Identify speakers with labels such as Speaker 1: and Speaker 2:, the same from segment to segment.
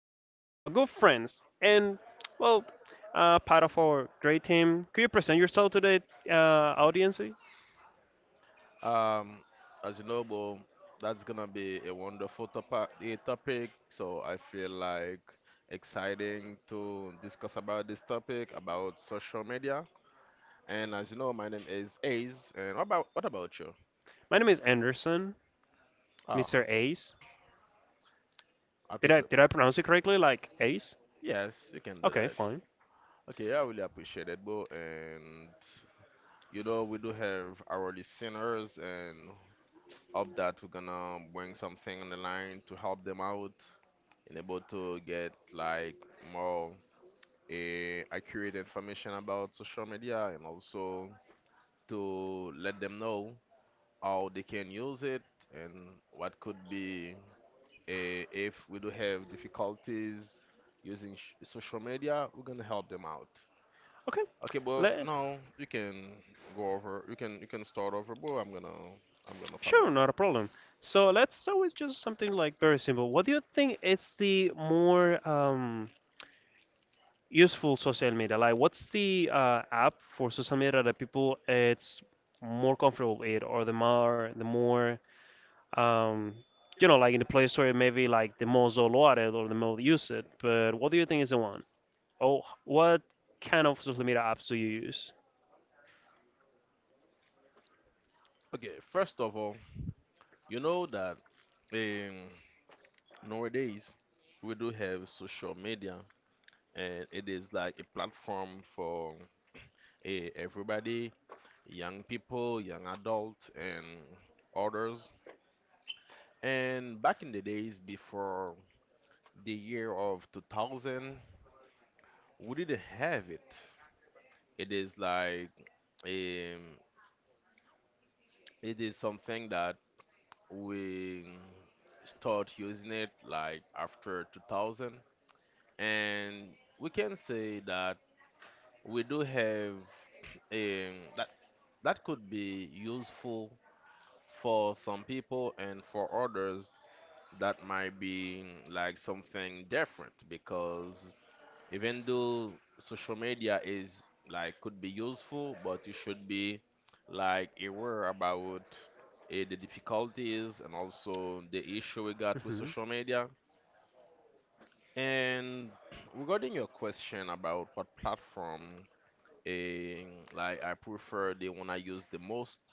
Speaker 1: visit of a good friends and well, part of our great team. Could you present yourself to the audience?
Speaker 2: Um, as you know, Bo, that's gonna be a wonderful topic. So I feel like exciting to discuss about this topic about social media. And as you know, my name is Ace. And what about you?
Speaker 1: My name is Anderson,
Speaker 2: Ah,
Speaker 1: Mr. Ace. Did
Speaker 2: Happy
Speaker 1: I
Speaker 2: to.
Speaker 1: did I pronounce it correctly? Like Ace?
Speaker 2: Yes, you can do
Speaker 1: Okay,
Speaker 2: that.
Speaker 1: fine.
Speaker 2: Okay, I really appreciate it, Bo. And you know, we do have our listeners, and hope that we're gonna bring something on the line to help them out. And able to get like more accurate information about social media, and also to let them know how they can use it, and what could be, if we do have difficulties social media, we're gonna help them out.
Speaker 1: Okay,
Speaker 2: Okay, well,
Speaker 1: Le-
Speaker 2: now you can go over, you can start over, bro. I'm gonna
Speaker 1: sure,
Speaker 2: follow up.
Speaker 1: not a problem. So let's start with just something like very simple. What do you think is the more useful social media? Like, what's the app for social media that people it's more comfortable with, or the more um, you know, like in the Play Store, maybe like the most downloaded or the most used. But what do you think is the one? Oh, what kind of social media apps do you use?
Speaker 2: Okay, first of all, you know that, um, nowadays, we do have social media, and it is like a platform for everybody, young people, young adults, and others. And back in the days, before the year of 2000, we didn't have it. It is like, um, it is something that we start using it like after 2000. And we can say that we do have, that that could be useful for some people, and for others that might be like something different, because even though social media is like could be useful, but you should be like aware about the difficulties and also the issue we got with
Speaker 1: Hmm.
Speaker 2: social media. And regarding your question about what platform, eh, like I prefer the one I use the most,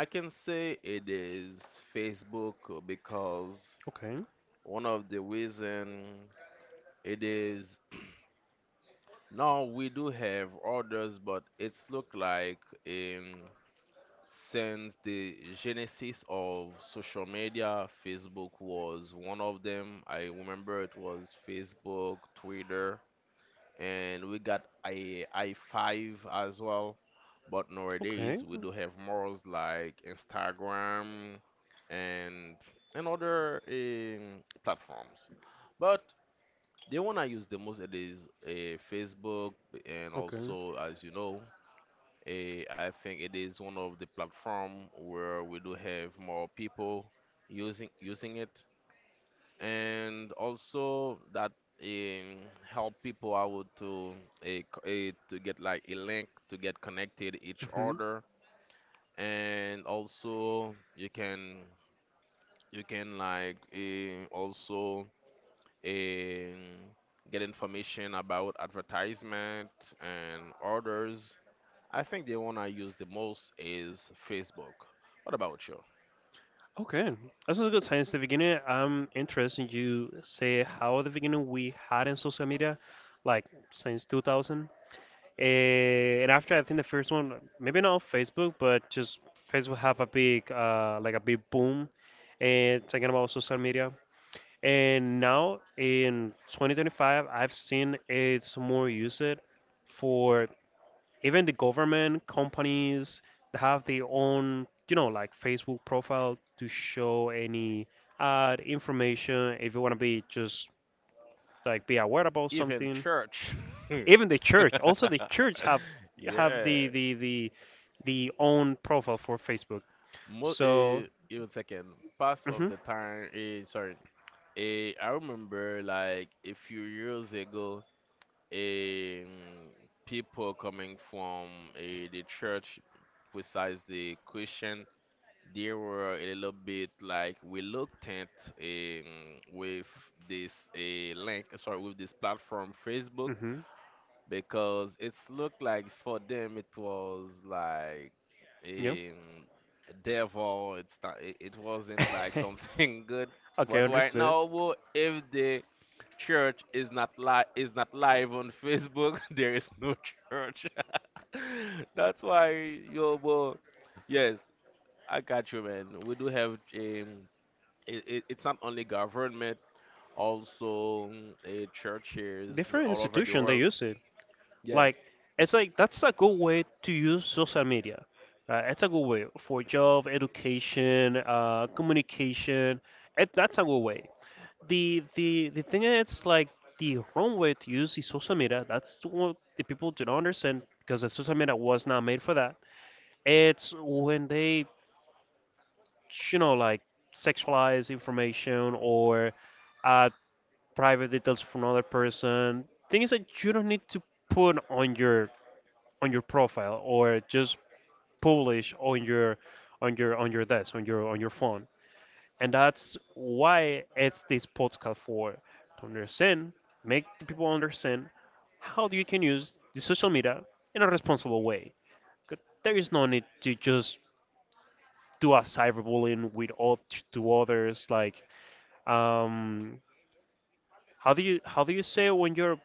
Speaker 2: I can say it is Facebook. Because
Speaker 1: Okay.
Speaker 2: one of the reason it is, now we do have others, but it's look like in since the genesis of social media, Facebook was one of them. I remember it was Facebook, Twitter, and we got a i5 as well. But
Speaker 1: Okay.
Speaker 2: nowadays we do have more like Instagram, and and other platforms. But the one I use the most, it is Facebook, and
Speaker 1: Okay.
Speaker 2: also as you know, I think it is one of the platform where we do have more people using it, and also that, um, help people out to, to get like a link to get connected each
Speaker 1: Hmm.
Speaker 2: other. And also you can like also eh, get information about advertisement and orders. I think the one I use the most is Facebook. What about you?
Speaker 1: Okay. This is a good sign. Since the beginning, I'm interested in you say how at the beginning we had in social media, like since 2000. Eh, and after I think the first one, maybe not on Facebook, but just Facebook have a big like a big boom, and talking about social media. And now in 2025, I've seen it's more used for even the government companies that have their own, you know, like Facebook profile to show any ad information if you want to be just like be aware about
Speaker 2: Even
Speaker 1: something
Speaker 2: church. Even
Speaker 1: even the
Speaker 2: in
Speaker 1: church also the
Speaker 2: church.
Speaker 1: church have
Speaker 2: Yeah.
Speaker 1: the own profile for facebook
Speaker 2: Most,
Speaker 1: so.
Speaker 2: even second, past of
Speaker 1: Mhm.
Speaker 2: the time, sorry, I remember like a few years ago, eh, people coming from the church, precisely Christian, they were a little bit like reluctant, um, with this link, sorry, with this platform, Facebook,
Speaker 1: Mhm.
Speaker 2: because it's looked like for them it was like,
Speaker 1: Yeah.
Speaker 2: um, a devil. It's not. It wasn't like something good.
Speaker 1: okay,
Speaker 2: But right
Speaker 1: understood.
Speaker 2: now, if the church is not live on Facebook, there is no church. That's why yo, wo- yes, I got you, man. We do have, it's not only government, also churches
Speaker 1: Different
Speaker 2: all over the
Speaker 1: institution they
Speaker 2: world.
Speaker 1: use it
Speaker 2: Yes.
Speaker 1: like it's like that's a good way to use social media, it's a good way for job education, communication, it, that's a good way. The thing is like the wrong way to use the social media, that's what the people do not understand because the social media was not made for that. It's when they, you know, like sexualize information or add private details from another person, things that you don't need to put on your profile or just publish on your desk on your phone. And that's why it's this podcast for to understand, make the people understand how you can use the social media in a responsible way. 'Cause there is no need to just do a cyberbullying with all to others like, um how do you say it when you're,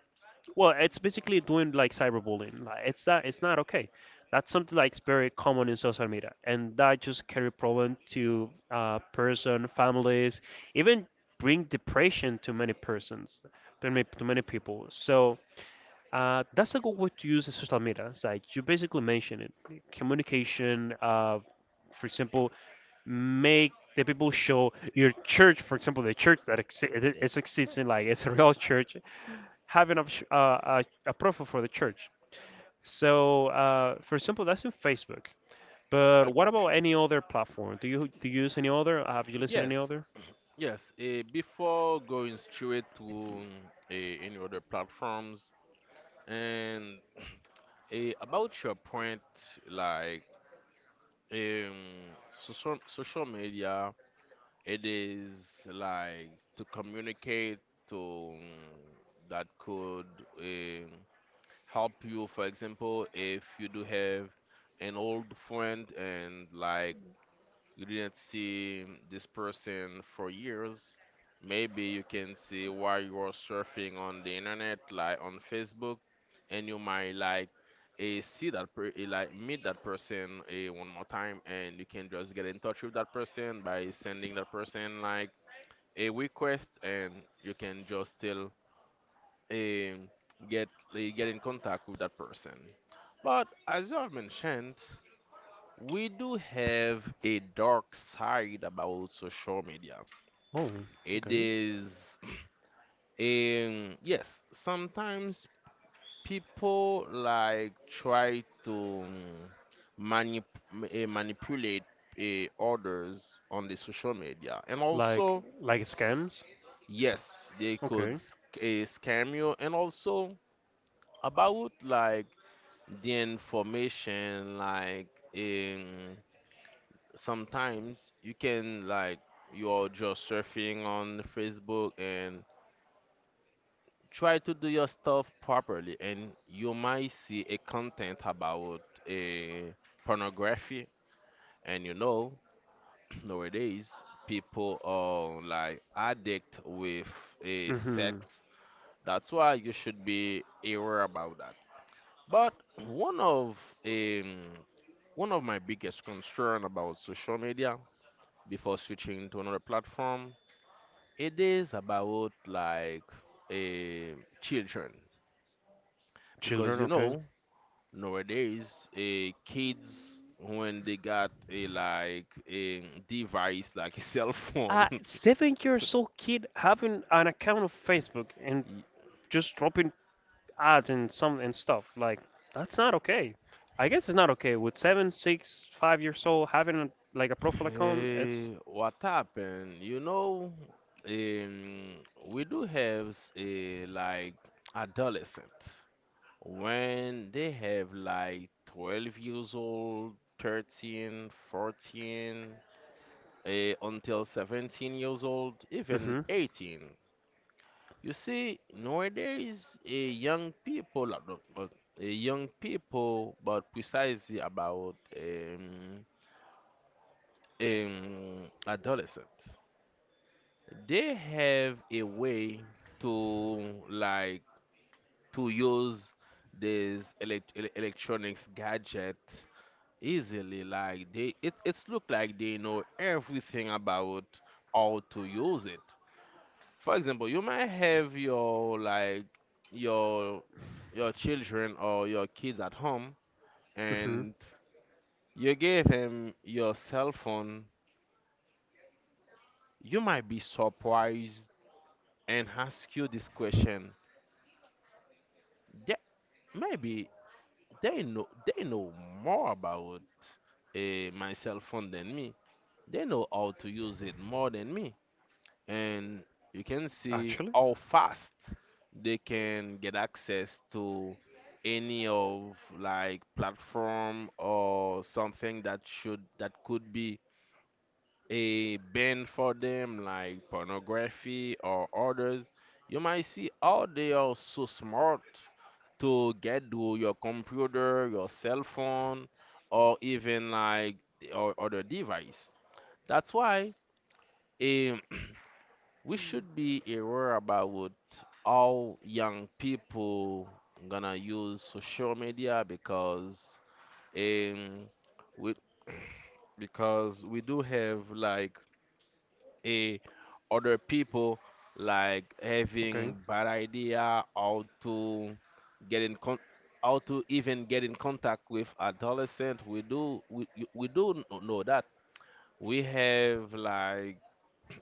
Speaker 1: well, it's basically doing like cyberbullying, like it's not okay. That's something that's very common in social media and that just carry problem to person families, even bring depression to many persons to many, people. So that's a good way to use the social media. It's like you basically mentioned it, communication. For example, make the people show your church, for example, the church that it is existing, like it's a real church, having a, a profile for the church. So, for example, that's in Facebook.
Speaker 2: I
Speaker 1: But what
Speaker 2: got
Speaker 1: about
Speaker 2: you.
Speaker 1: any other platform? Do you use any other? Have you listened to any
Speaker 2: Yes,
Speaker 1: other?
Speaker 2: yes. Before going straight to any other platforms, and about your point, like, social media, it is like to communicate to, that could, um, help you. For example, if you do have an old friend and like you didn't see this person for years, maybe you can see while you are surfing on the internet, like on Facebook, and you might like eh, see that per- eh, like meet that person one more time, and you can just get in touch with that person by sending that person like a request, and you can just still eh, get get in contact with that person. But as you have mentioned, we do have a dark side about social media.
Speaker 1: Oh,
Speaker 2: It
Speaker 1: okay.
Speaker 2: is, yes, sometimes people like try to manip- manipulate others on the social media, and
Speaker 1: Like
Speaker 2: also,
Speaker 1: like scams?
Speaker 2: yes, they could
Speaker 1: Okay.
Speaker 2: scam you, and also about like the information, like. Um, Sometimes you can like you're just surfing on Facebook and try to do your stuff properly, and you might see a content about a pornography. And you know, nowadays people are like addict with a
Speaker 1: Mm-hmm.
Speaker 2: sex. That's why you should be aware about that. But one of, um, one of my biggest concern about social media, before switching to another platform, it is about like, eh, children. Because
Speaker 1: Children?
Speaker 2: you
Speaker 1: Okay.
Speaker 2: know, nowadays kids, when they got a like a device like a cell phone,
Speaker 1: A 7 years old kid having an account of Facebook and
Speaker 2: y-
Speaker 1: just dropping ads and some and stuff. Like that's not okay. I guess it's not okay with seven, six, 5 years old having a, like a profile account. It's
Speaker 2: what happened, you know, um, we do have a like adolescent, when they have like 12 years old, 13, 14, until 17 years old, even
Speaker 1: mhm,
Speaker 2: 18. You see, nowadays, young people, no, but, young people, but precisely about, adolescent, they have a way to like to use these electronics gadget easily. Like it's look like they know everything about how to use it. For example, you might have your like your your children or your kids at home,
Speaker 1: mhm.
Speaker 2: and you gave him your cell phone, you might be surprised and ask you this question. Yeah, maybe they know more about my cell phone than me. They know how to use it more than me. And you can see
Speaker 1: Actually,
Speaker 2: how fast they can get access to any of like platform or something that should that could be a ban for them, like pornography or others. You might see how they are so smart to get to your computer, your cell phone, or even like or other device. That's why, um we should be aware about what, how young people gonna use social media, because, um we because we do have like a other people like
Speaker 1: okay.
Speaker 2: having bad idea how to get in con how to even get in contact with adolescent. We do know that we have like,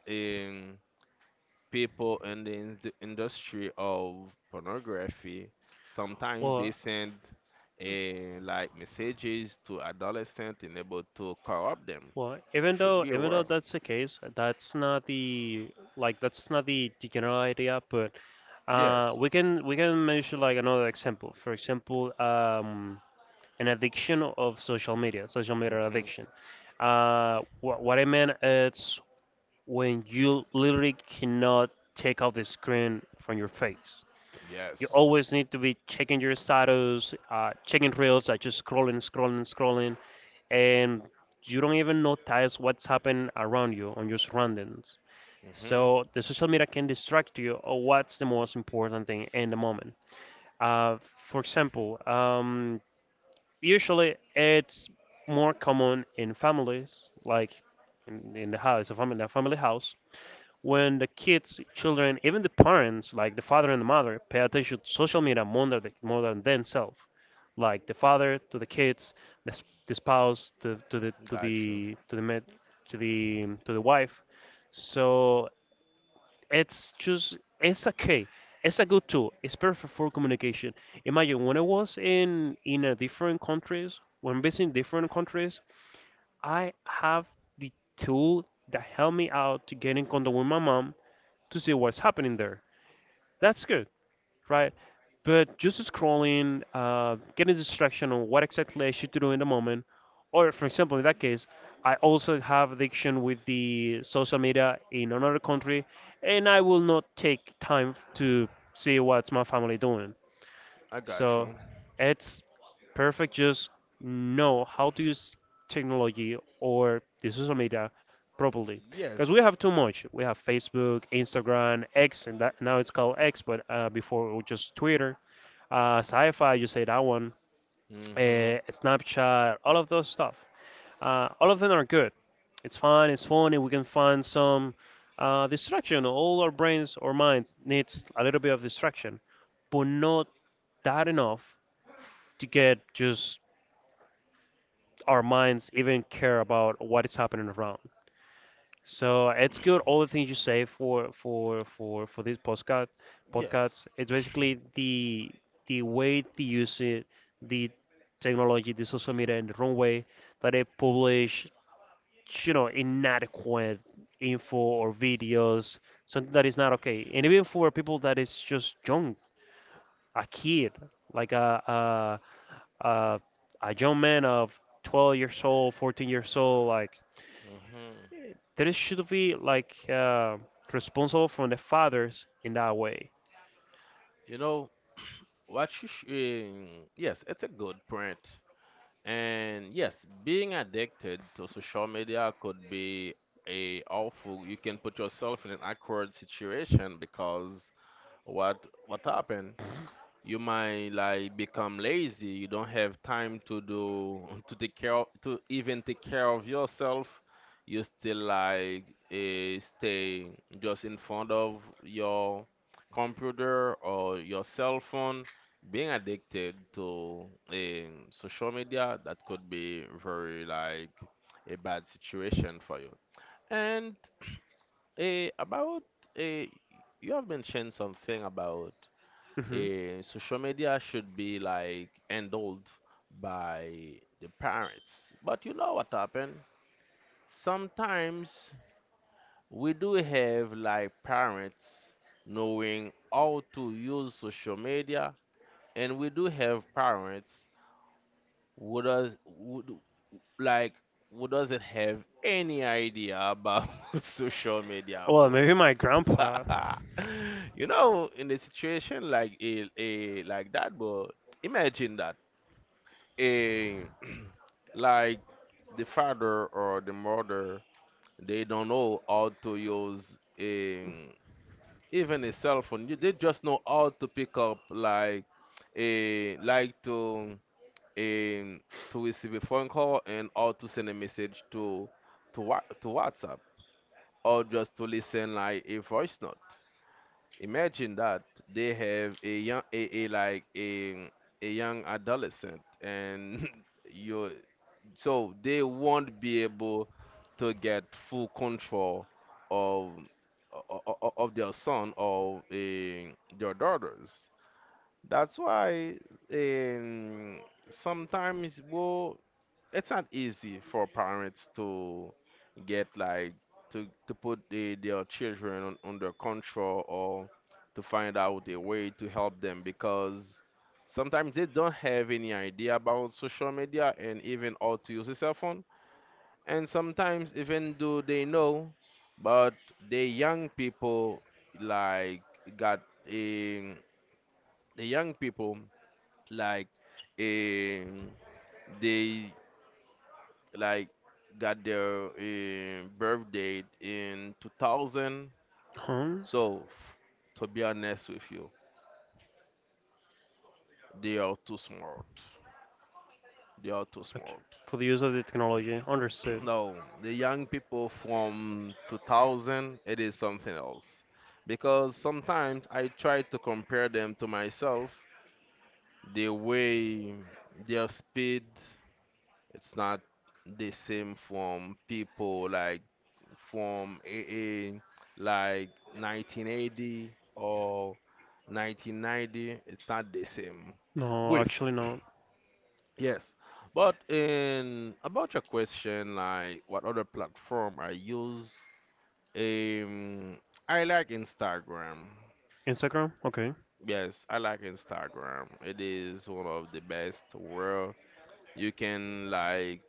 Speaker 2: um people in the industry of pornography. Sometimes they
Speaker 1: Well,
Speaker 2: send a like messages to adolescents in able to corrupt them.
Speaker 1: even
Speaker 2: Should
Speaker 1: though
Speaker 2: be
Speaker 1: even though
Speaker 2: aware.
Speaker 1: that's the case, that's not the, like that's not the, the general idea. But
Speaker 2: Yes.
Speaker 1: we can mention like another example. For example, an addiction of social media
Speaker 2: Hmm.
Speaker 1: addiction. What I meant is when you literally cannot take off the screen from your face. You
Speaker 2: Yes.
Speaker 1: always need to be checking your status, checking reels, like just scrolling, scrolling, scrolling, and you don't even notice what's happening around you on your surroundings.
Speaker 2: Hmm.
Speaker 1: So the social media can distract you of what's the most important thing in the moment. Uh, for example, usually it's more common in families, like in the house, a family house, when the kids, children, even the parents, like the father and the mother, pay attention to social media more than, more than themselves. Like the father to the kids, the spouse to the
Speaker 2: Got you.
Speaker 1: to the med, to the wife. So it's just it's okay. It's a good tool. It's perfect for communication. Imagine when I was in a different countries, when visiting different countries, I have the tool that helped me out to get in contact with my mom to see what's happening there. That's good, right? But just scrolling, getting distraction on what exactly I should do in the moment, or for example, in that case, I also have addiction with the social media in another country, and I will not take time to see what's my family doing.
Speaker 2: I got
Speaker 1: So
Speaker 2: you.
Speaker 1: it's perfect. Just know how to use technology or the social media properly, because we have
Speaker 2: Yes.
Speaker 1: too much. We have Facebook, Instagram, X, and that now it's called X, but before it was just Twitter. Sci-fi, you say that one.
Speaker 2: Hmm.
Speaker 1: Snapchat, all of those stuff. All of them are good. It's fun. It's funny. We can find some distraction. All our brains or minds needs a little bit of distraction, but not that enough to get just our minds even care about what is happening around. So it's good all the things you say for these podcasts.
Speaker 2: Yes.
Speaker 1: It's basically the way they use it, the technology, the social media in the wrong way that they publish, you know, inadequate info or videos, something that is not okay. And even for people that is just young, a kid, like uh, a young man of 12 years old, 14 years old, like
Speaker 2: Hmm.
Speaker 1: there should be like responsible from the fathers in that way.
Speaker 2: You know, What you sh- eh, yes, it's a good point. And yes, being addicted to social media could be a awful. You can put yourself in an awkward situation, because what what happened? You might like become lazy, you don't have time to do, to take care of, to even take care of yourself. You still like stay just in front of your computer or your cell phone. Being addicted to, social media, that could be very like a bad situation for you. And, about, eh, you have mentioned something about,
Speaker 1: Hmm.
Speaker 2: social media should be like handled by the parents. But you know what happened? Sometimes we do have like parents knowing how to use social media, and we do have parents who does who, do- like who doesn't have any idea about social media,
Speaker 1: Well,
Speaker 2: bro.
Speaker 1: maybe my grandpa.
Speaker 2: You know, in a situation like a like that, bro. Imagine that. A like the father or the mother, they don't know how to use even a cell phone. They just know how to pick up like a like to a to receive a phone call, and how to send a message to whatsapp, or just to listen like a voice note. Imagine that they have a young a like a young adolescent, and you, so they won't be able to get full control of of their son or their daughters. That's why, um, sometimes, well, it's not easy for parents to get like to put their children on, under control, or to find out a way to help them, because sometimes they don't have any idea about social media, and even how to use a cell phone. And sometimes, even though they know, but the young people like got um, the young people like um, they like got their, birth date in 2000,
Speaker 1: Huh?
Speaker 2: so f- to be honest with you, they are too smart, they are too
Speaker 1: Okay.
Speaker 2: smart.
Speaker 1: For the use of the technology, understood.
Speaker 2: No, the young people from 2000, it is something else. Because sometimes I try to compare them to myself. The way, their speed, it's not the same from people like from AA, like 1980 or 1990. It's not the same.
Speaker 1: No,
Speaker 2: With,
Speaker 1: actually no.
Speaker 2: yes. But in about your question, like what other platform I use, Um, I like Instagram.
Speaker 1: Instagram. Okay.
Speaker 2: Yes, I like Instagram. It is one of the best where you can like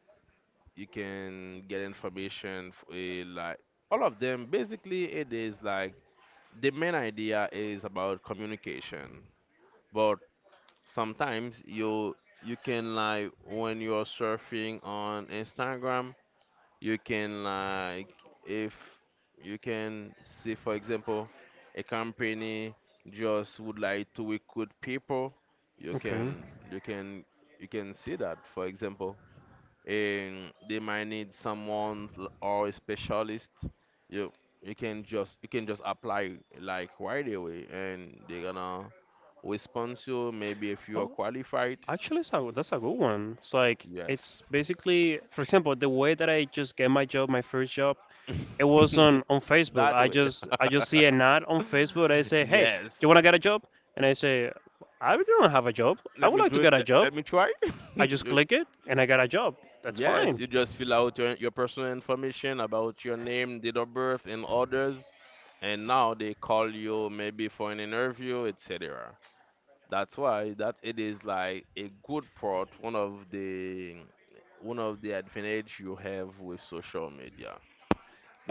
Speaker 2: you can get information like all of them. Basically, it is like, the main idea is about communication. But sometimes you can like when you're surfing on Instagram, you can like if you can see, for example, a company just would like to recruit people, you
Speaker 1: Okay.
Speaker 2: can you can you can see that, for example, and they might need someone or a specialist. You you can just you can just apply, like, right away, and they're gonna respond to you, maybe, if you are
Speaker 1: Oh,
Speaker 2: qualified.
Speaker 1: actually, it's a, that's a good one. It's like it's
Speaker 2: Yes.
Speaker 1: basically, for example, the way that I just get my job, my first job. It was on Facebook.
Speaker 2: That
Speaker 1: I
Speaker 2: way.
Speaker 1: just I just see an ad on Facebook. I say, hey, you
Speaker 2: Yes.
Speaker 1: wanna get a job? And I say, I don't have a job. I
Speaker 2: Let me
Speaker 1: would like
Speaker 2: do
Speaker 1: to
Speaker 2: it.
Speaker 1: get a
Speaker 2: Let,
Speaker 1: job.
Speaker 2: let me try.
Speaker 1: I just
Speaker 2: You-
Speaker 1: click it and I got a job. That's
Speaker 2: yes,
Speaker 1: fine.
Speaker 2: you just fill out your personal information about your name, date of birth, and others. And now they call you, maybe, for an interview, etc. That's why that it is like a good part, one of the advantage you have with social media,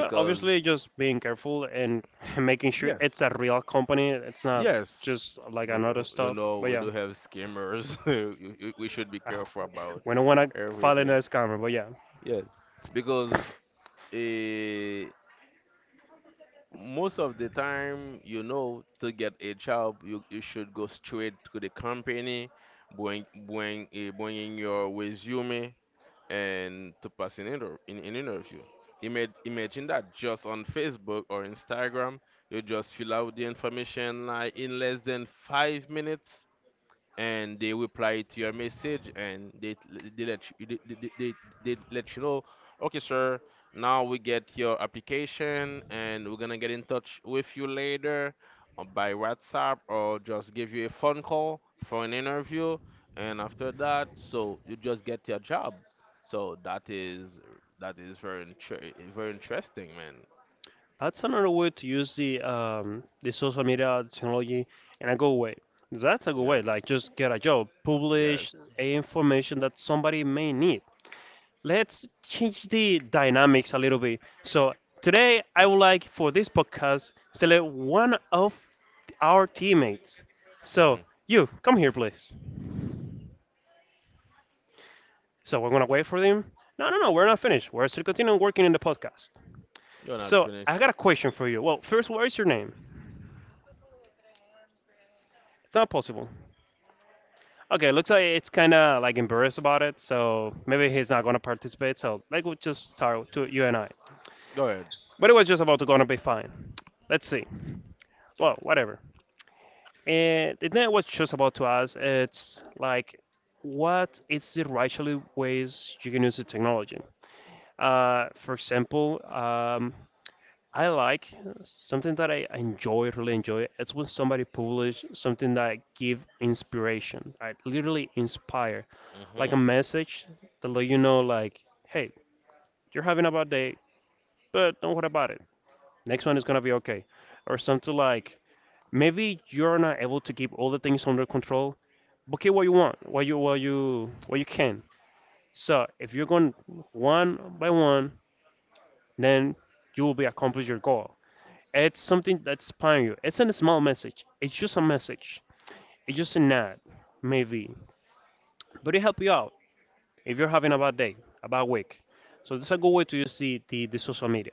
Speaker 1: Obviously, just being careful and making sure it's
Speaker 2: Yes,
Speaker 1: a real company. It's not
Speaker 2: yes.
Speaker 1: just like
Speaker 2: We,
Speaker 1: another
Speaker 2: you
Speaker 1: stuff.
Speaker 2: know,
Speaker 1: But
Speaker 2: we
Speaker 1: yeah,
Speaker 2: do have scammers. We should be careful
Speaker 1: we
Speaker 2: about
Speaker 1: we don't wanna fall in
Speaker 2: everything.
Speaker 1: a scammer. But yeah.
Speaker 2: Yes, because uh, most of the time, you know, to get a job, you should go straight to the company, bringing your resume and to pass an interview. Imagine that just on Facebook or Instagram, you just fill out the information like in less than 5 minutes, and they reply to your message, and they let you know, okay, sir, now we get your application and we're gonna get in touch with you later, by whatsapp, or just give you a phone call for an interview. And after that, so you just get your job. So that is very very interesting, man.
Speaker 1: That's another way to use the social media technology in a good way. That's a good way.
Speaker 2: Yes.
Speaker 1: Like just get a job, publish
Speaker 2: Yes.
Speaker 1: a information that somebody may need. Let's change the dynamics a little bit. So today I would like for this podcast select one of our teammates. So
Speaker 2: Hmm.
Speaker 1: you come here, please. So we're gonna wait for them. No, no, no, we're not finished. We're still continuing working in the podcast.
Speaker 2: You're not
Speaker 1: So I
Speaker 2: finished.
Speaker 1: got a question for you. Well, first, what is your name? It's not possible. Okay, looks like it's kind of like embarrassed about it, so maybe he's not gonna participate. So like we'll just start to you and I.
Speaker 2: Go ahead.
Speaker 1: But it was just about to gonna be fine. Let's see. Well, whatever. And the thing I was just about to ask, it's like, what is the rational ways you can use the technology? For example, I like something that I enjoy, really enjoy. It's when somebody publish something that give inspiration, right? Literally inspire like a
Speaker 2: Mhm.
Speaker 1: message to let you know like, hey, you're having a bad day but don't worry about it, next one is gonna be okay. Or something like, maybe you're not able to keep all the things under control, but get what you want, what you can. So if you're going one by one, then you will be accomplish your goal. It's something that's inspiring you, it's not a small message, it's just a message, it's just a nod maybe, but it help you out if you're having a bad day, a bad week. So this is a good way to use the social media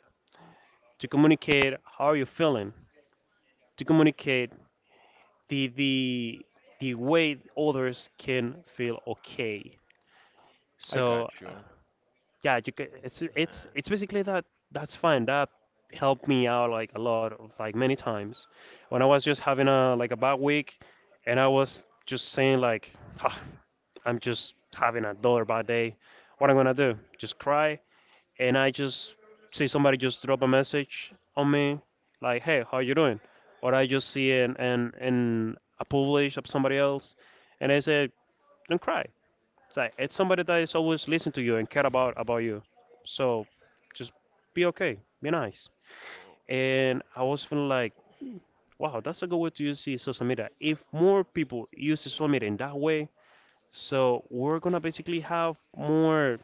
Speaker 1: to communicate how are you feeling, to communicate the the the way others can feel okay.
Speaker 2: I
Speaker 1: So
Speaker 2: got you.
Speaker 1: yeah, you can, it's basically
Speaker 2: Uh,
Speaker 1: that, that's fine. That helped me out like a lot of like many times when I was just having a like a bad week and I was just saying like, "Ah, I'm just having another bad day. What I'm gonna do? Just cry, and I just see somebody just drop a message on me like, "Hey, how you doing?" Or I just see an a publish of somebody else, and I say, "Don't cry." It's like it's somebody that is always listening to you and care about you. So just be okay, be nice. And I was feeling like, wow, that's a good way to use the social media. If more people use social media in that way, so we're gonna basically have more.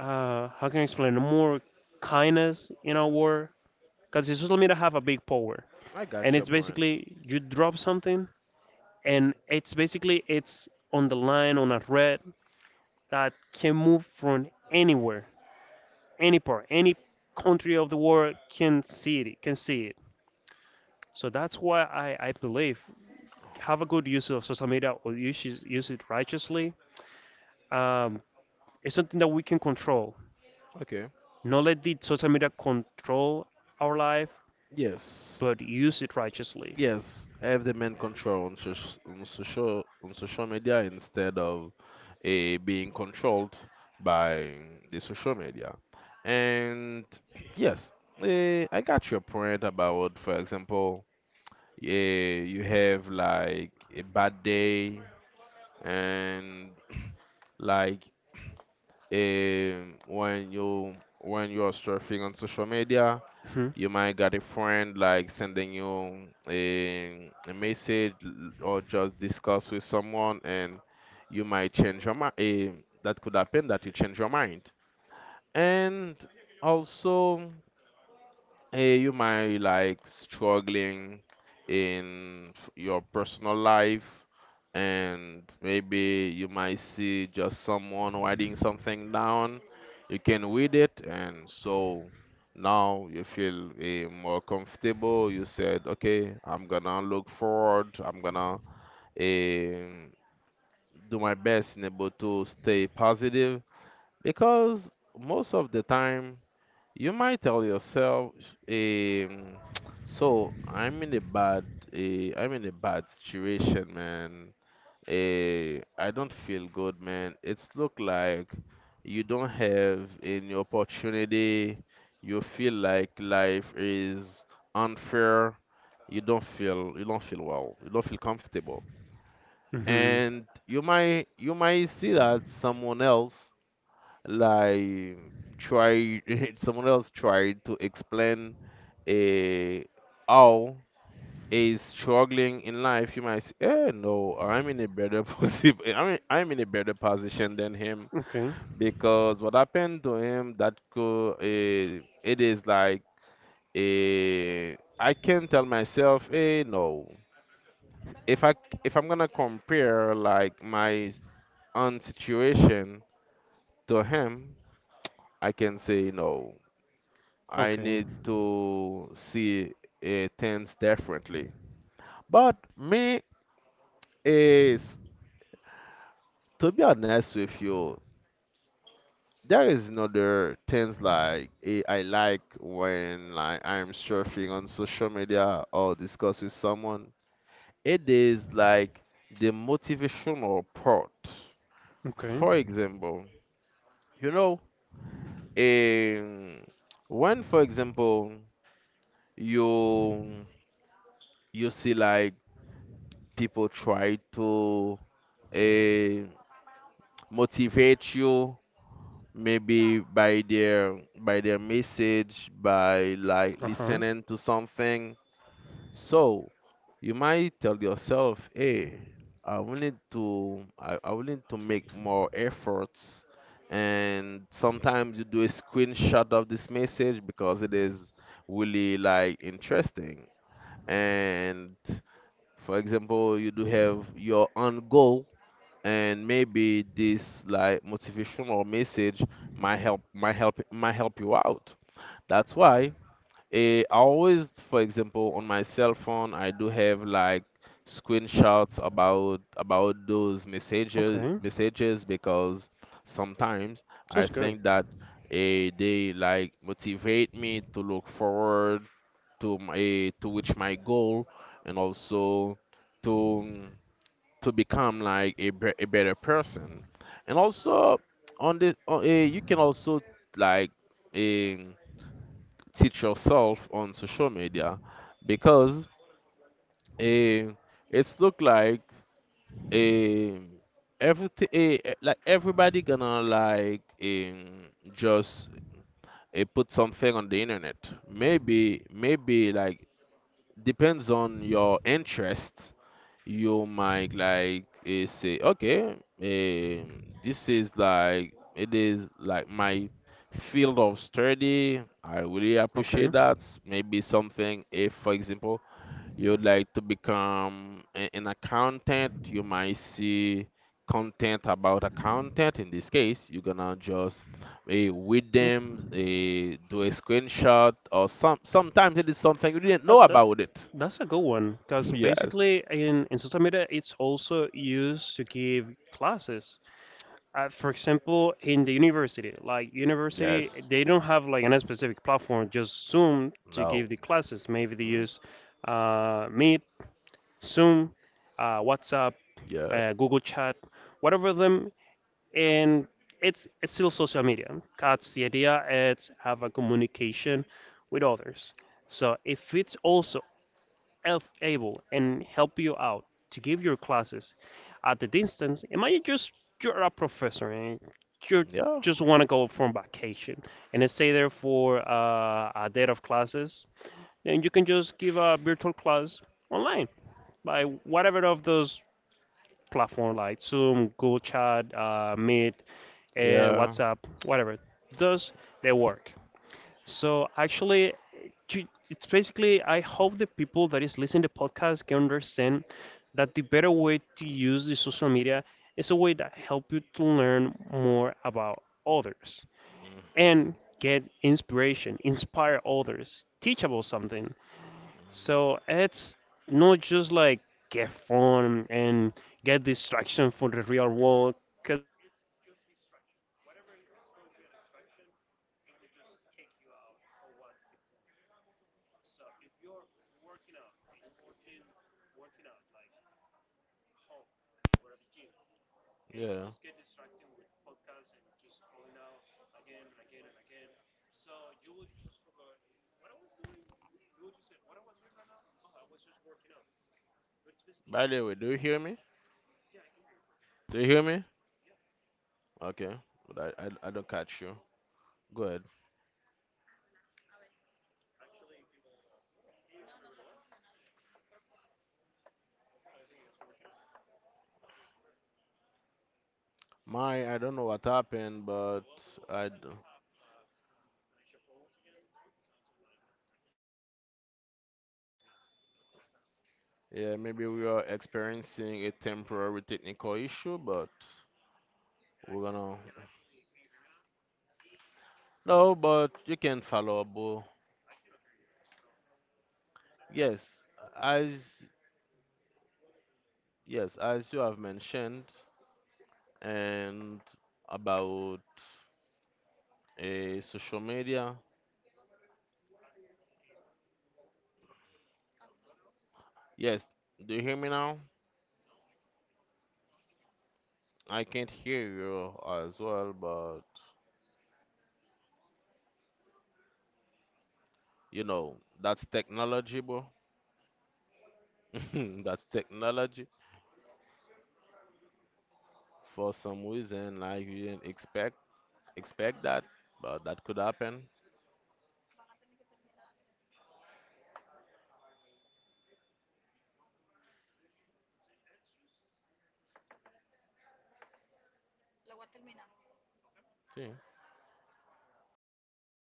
Speaker 1: How can I explain? More kindness in our world. Because social media have a big power,
Speaker 2: I
Speaker 1: and
Speaker 2: got your
Speaker 1: it's
Speaker 2: point.
Speaker 1: basically you drop something, and it's basically it's on the line on a thread that can move from anywhere, any part, any country of the world can see it. So that's why I believe have a good use of social media or use it righteously. Um, it's something that we can control.
Speaker 2: Okay.
Speaker 1: Not let the social media control our life,
Speaker 2: Yes.
Speaker 1: but use it righteously.
Speaker 2: Yes. Have the main control on, social media instead of being controlled by the social media. And yes, I got your point about, for example, yeah, you have like a bad day, and, like, when you, when you are surfing on social media,
Speaker 1: hmm
Speaker 2: you might get a friend like sending you a message, or just discuss with someone, and you might change your mind. That could happen, that you change your mind. And also, hey, you might like struggling in your personal life, and maybe you might see just someone writing something down. You can read it, and so now you feel more comfortable. You said, okay, I'm gonna look forward, I'm gonna eh, do my best and able to stay positive, because most of the time you might tell yourself, um, so I'm in a bad situation, man. I don't feel good, man. It's look like you don't have any opportunity. You feel like life is unfair. You don't feel well. You don't feel comfortable.
Speaker 1: hmm
Speaker 2: And you might see that someone else like try someone else tried to explain eh, how is struggling in life. You might say, no, I'm in a better position. I mean, I'm in a better position than him,
Speaker 1: Okay.
Speaker 2: because what happened to him, that could, it is like, I can tell myself, no, if I if I'm gonna compare like my own situation to him, I can say no, I
Speaker 1: Okay.
Speaker 2: need to see things differently. But me is, to be honest with you, there is another things like I like when, like, I'm surfing on social media or discuss with someone. It is like the motivational part.
Speaker 1: Okay.
Speaker 2: For example, you know, um, when, for example, you you see like people try to eh, motivate you, maybe by their message, by like
Speaker 1: Uh huh.
Speaker 2: listening to something. So you might tell yourself, hey, I will need to I will need to make more efforts. And sometimes you do a screenshot of this message because it is really like interesting. And, for example, you do have your own goal, and maybe this like motivational message might help you out. That's why, I always, for example, on my cell phone, I do have like screenshots about those messages
Speaker 1: Okay.
Speaker 2: messages because sometimes I
Speaker 1: Sounds good.
Speaker 2: think that they like motivate me to look forward to my, to reach my goal. And also, to to become like a better person. And also, on the on, eh, you can also, like, um, teach yourself on social media, because eh, it's look like, eh, everything, like everybody gonna like, just put something on the internet. Maybe like, depends on your interest, you might like, say okay, this is like, it is like my field of study. I really appreciate
Speaker 1: Okay.
Speaker 2: that. Maybe something, if for example you'd like to become an accountant, you might see content about accountant. In this case, you're gonna just with
Speaker 1: Mm.
Speaker 2: them do a screenshot, or sometimes it is something you didn't know
Speaker 1: That
Speaker 2: about it.
Speaker 1: that's a good one because
Speaker 2: Yes.
Speaker 1: basically in social media it's also used to give classes. For example, in the university, like university,
Speaker 2: Yes.
Speaker 1: they don't have like any specific platform, just Zoom to give
Speaker 2: No.
Speaker 1: the classes. Maybe they
Speaker 2: Hmm.
Speaker 1: use Meet, Zoom, WhatsApp,
Speaker 2: Yeah.
Speaker 1: Google Chat, whatever them, and it's still social media. That's the idea. It's have a communication with others. So if it's also elf able and help you out to give your classes at the distance. Imagine just you're a professor and you
Speaker 2: Yeah.
Speaker 1: just want to go from vacation and stay there for a day of classes. Then you can just give a virtual class online by whatever of those platform like Zoom, Google Chat, Meet, and
Speaker 2: Yeah.
Speaker 1: WhatsApp, whatever. Does they work? So actually, it's basically I hope the people that is listening to the podcast can understand that the better way to use the social media is a way that help you to learn more about others and
Speaker 2: Hmm.
Speaker 1: get inspiration, inspire others, teach about something. So it's not just like get fun and get distraction from the real world, 'cause it's just distraction. Whatever it's going to be a distraction, it will just take you out on what's the point. So if you're working out, if you're working out like at home or at the gym, and you
Speaker 2: Yeah.
Speaker 1: just get distracted with podcasts and just scrolling out again and again and again. So you will just forget what I was doing. You will just say what I was doing right now. Oh, I was just working out. But it's basically
Speaker 2: By the way,
Speaker 1: the
Speaker 2: do you hear me?
Speaker 1: yeah, I can hear you perfectly.
Speaker 2: Do you hear me?
Speaker 1: Yeah,
Speaker 2: Okay. But I don't catch you. Go ahead.
Speaker 1: actually, can you hear me very well? Yeah, I think it's working out. It's working better. Like
Speaker 2: I don't know what happened, but
Speaker 1: oh well, people, it
Speaker 2: I,
Speaker 1: looks
Speaker 2: d-
Speaker 1: like we have connection problems again. Sounds like my microphone's not okay. Oh, well, it maybe does not sound.
Speaker 2: yeah, maybe we are experiencing a temporary technical issue, but
Speaker 1: And
Speaker 2: we're
Speaker 1: actually,
Speaker 2: gonna...
Speaker 1: I can actually can you hear me now?
Speaker 2: No, but you can follow up. Oh.
Speaker 1: I cannot hear you at all. Looks like the call is just
Speaker 2: Yes,
Speaker 1: getting problem.
Speaker 2: as yes, as you have mentioned, and about
Speaker 1: Looks like it's.
Speaker 2: social media.
Speaker 1: I, can you hear me? No, not at all.
Speaker 2: Yes, do you hear me now?
Speaker 1: No, I cannot. I cannot actually hear you.
Speaker 2: I
Speaker 1: What's
Speaker 2: can't
Speaker 1: the
Speaker 2: hear
Speaker 1: problem?
Speaker 2: you as well, but
Speaker 1: Oh,
Speaker 2: you know that's technology, bro. That's technology.
Speaker 1: interesting. I'm not. I'm not muted.
Speaker 2: For some reason, like, you didn't expect that, but that could happen.
Speaker 1: Okay. Where do we finish? Cause it, it's just sounding. Not, not sure what's the problem. Okay, go ahead.
Speaker 2: Yeah.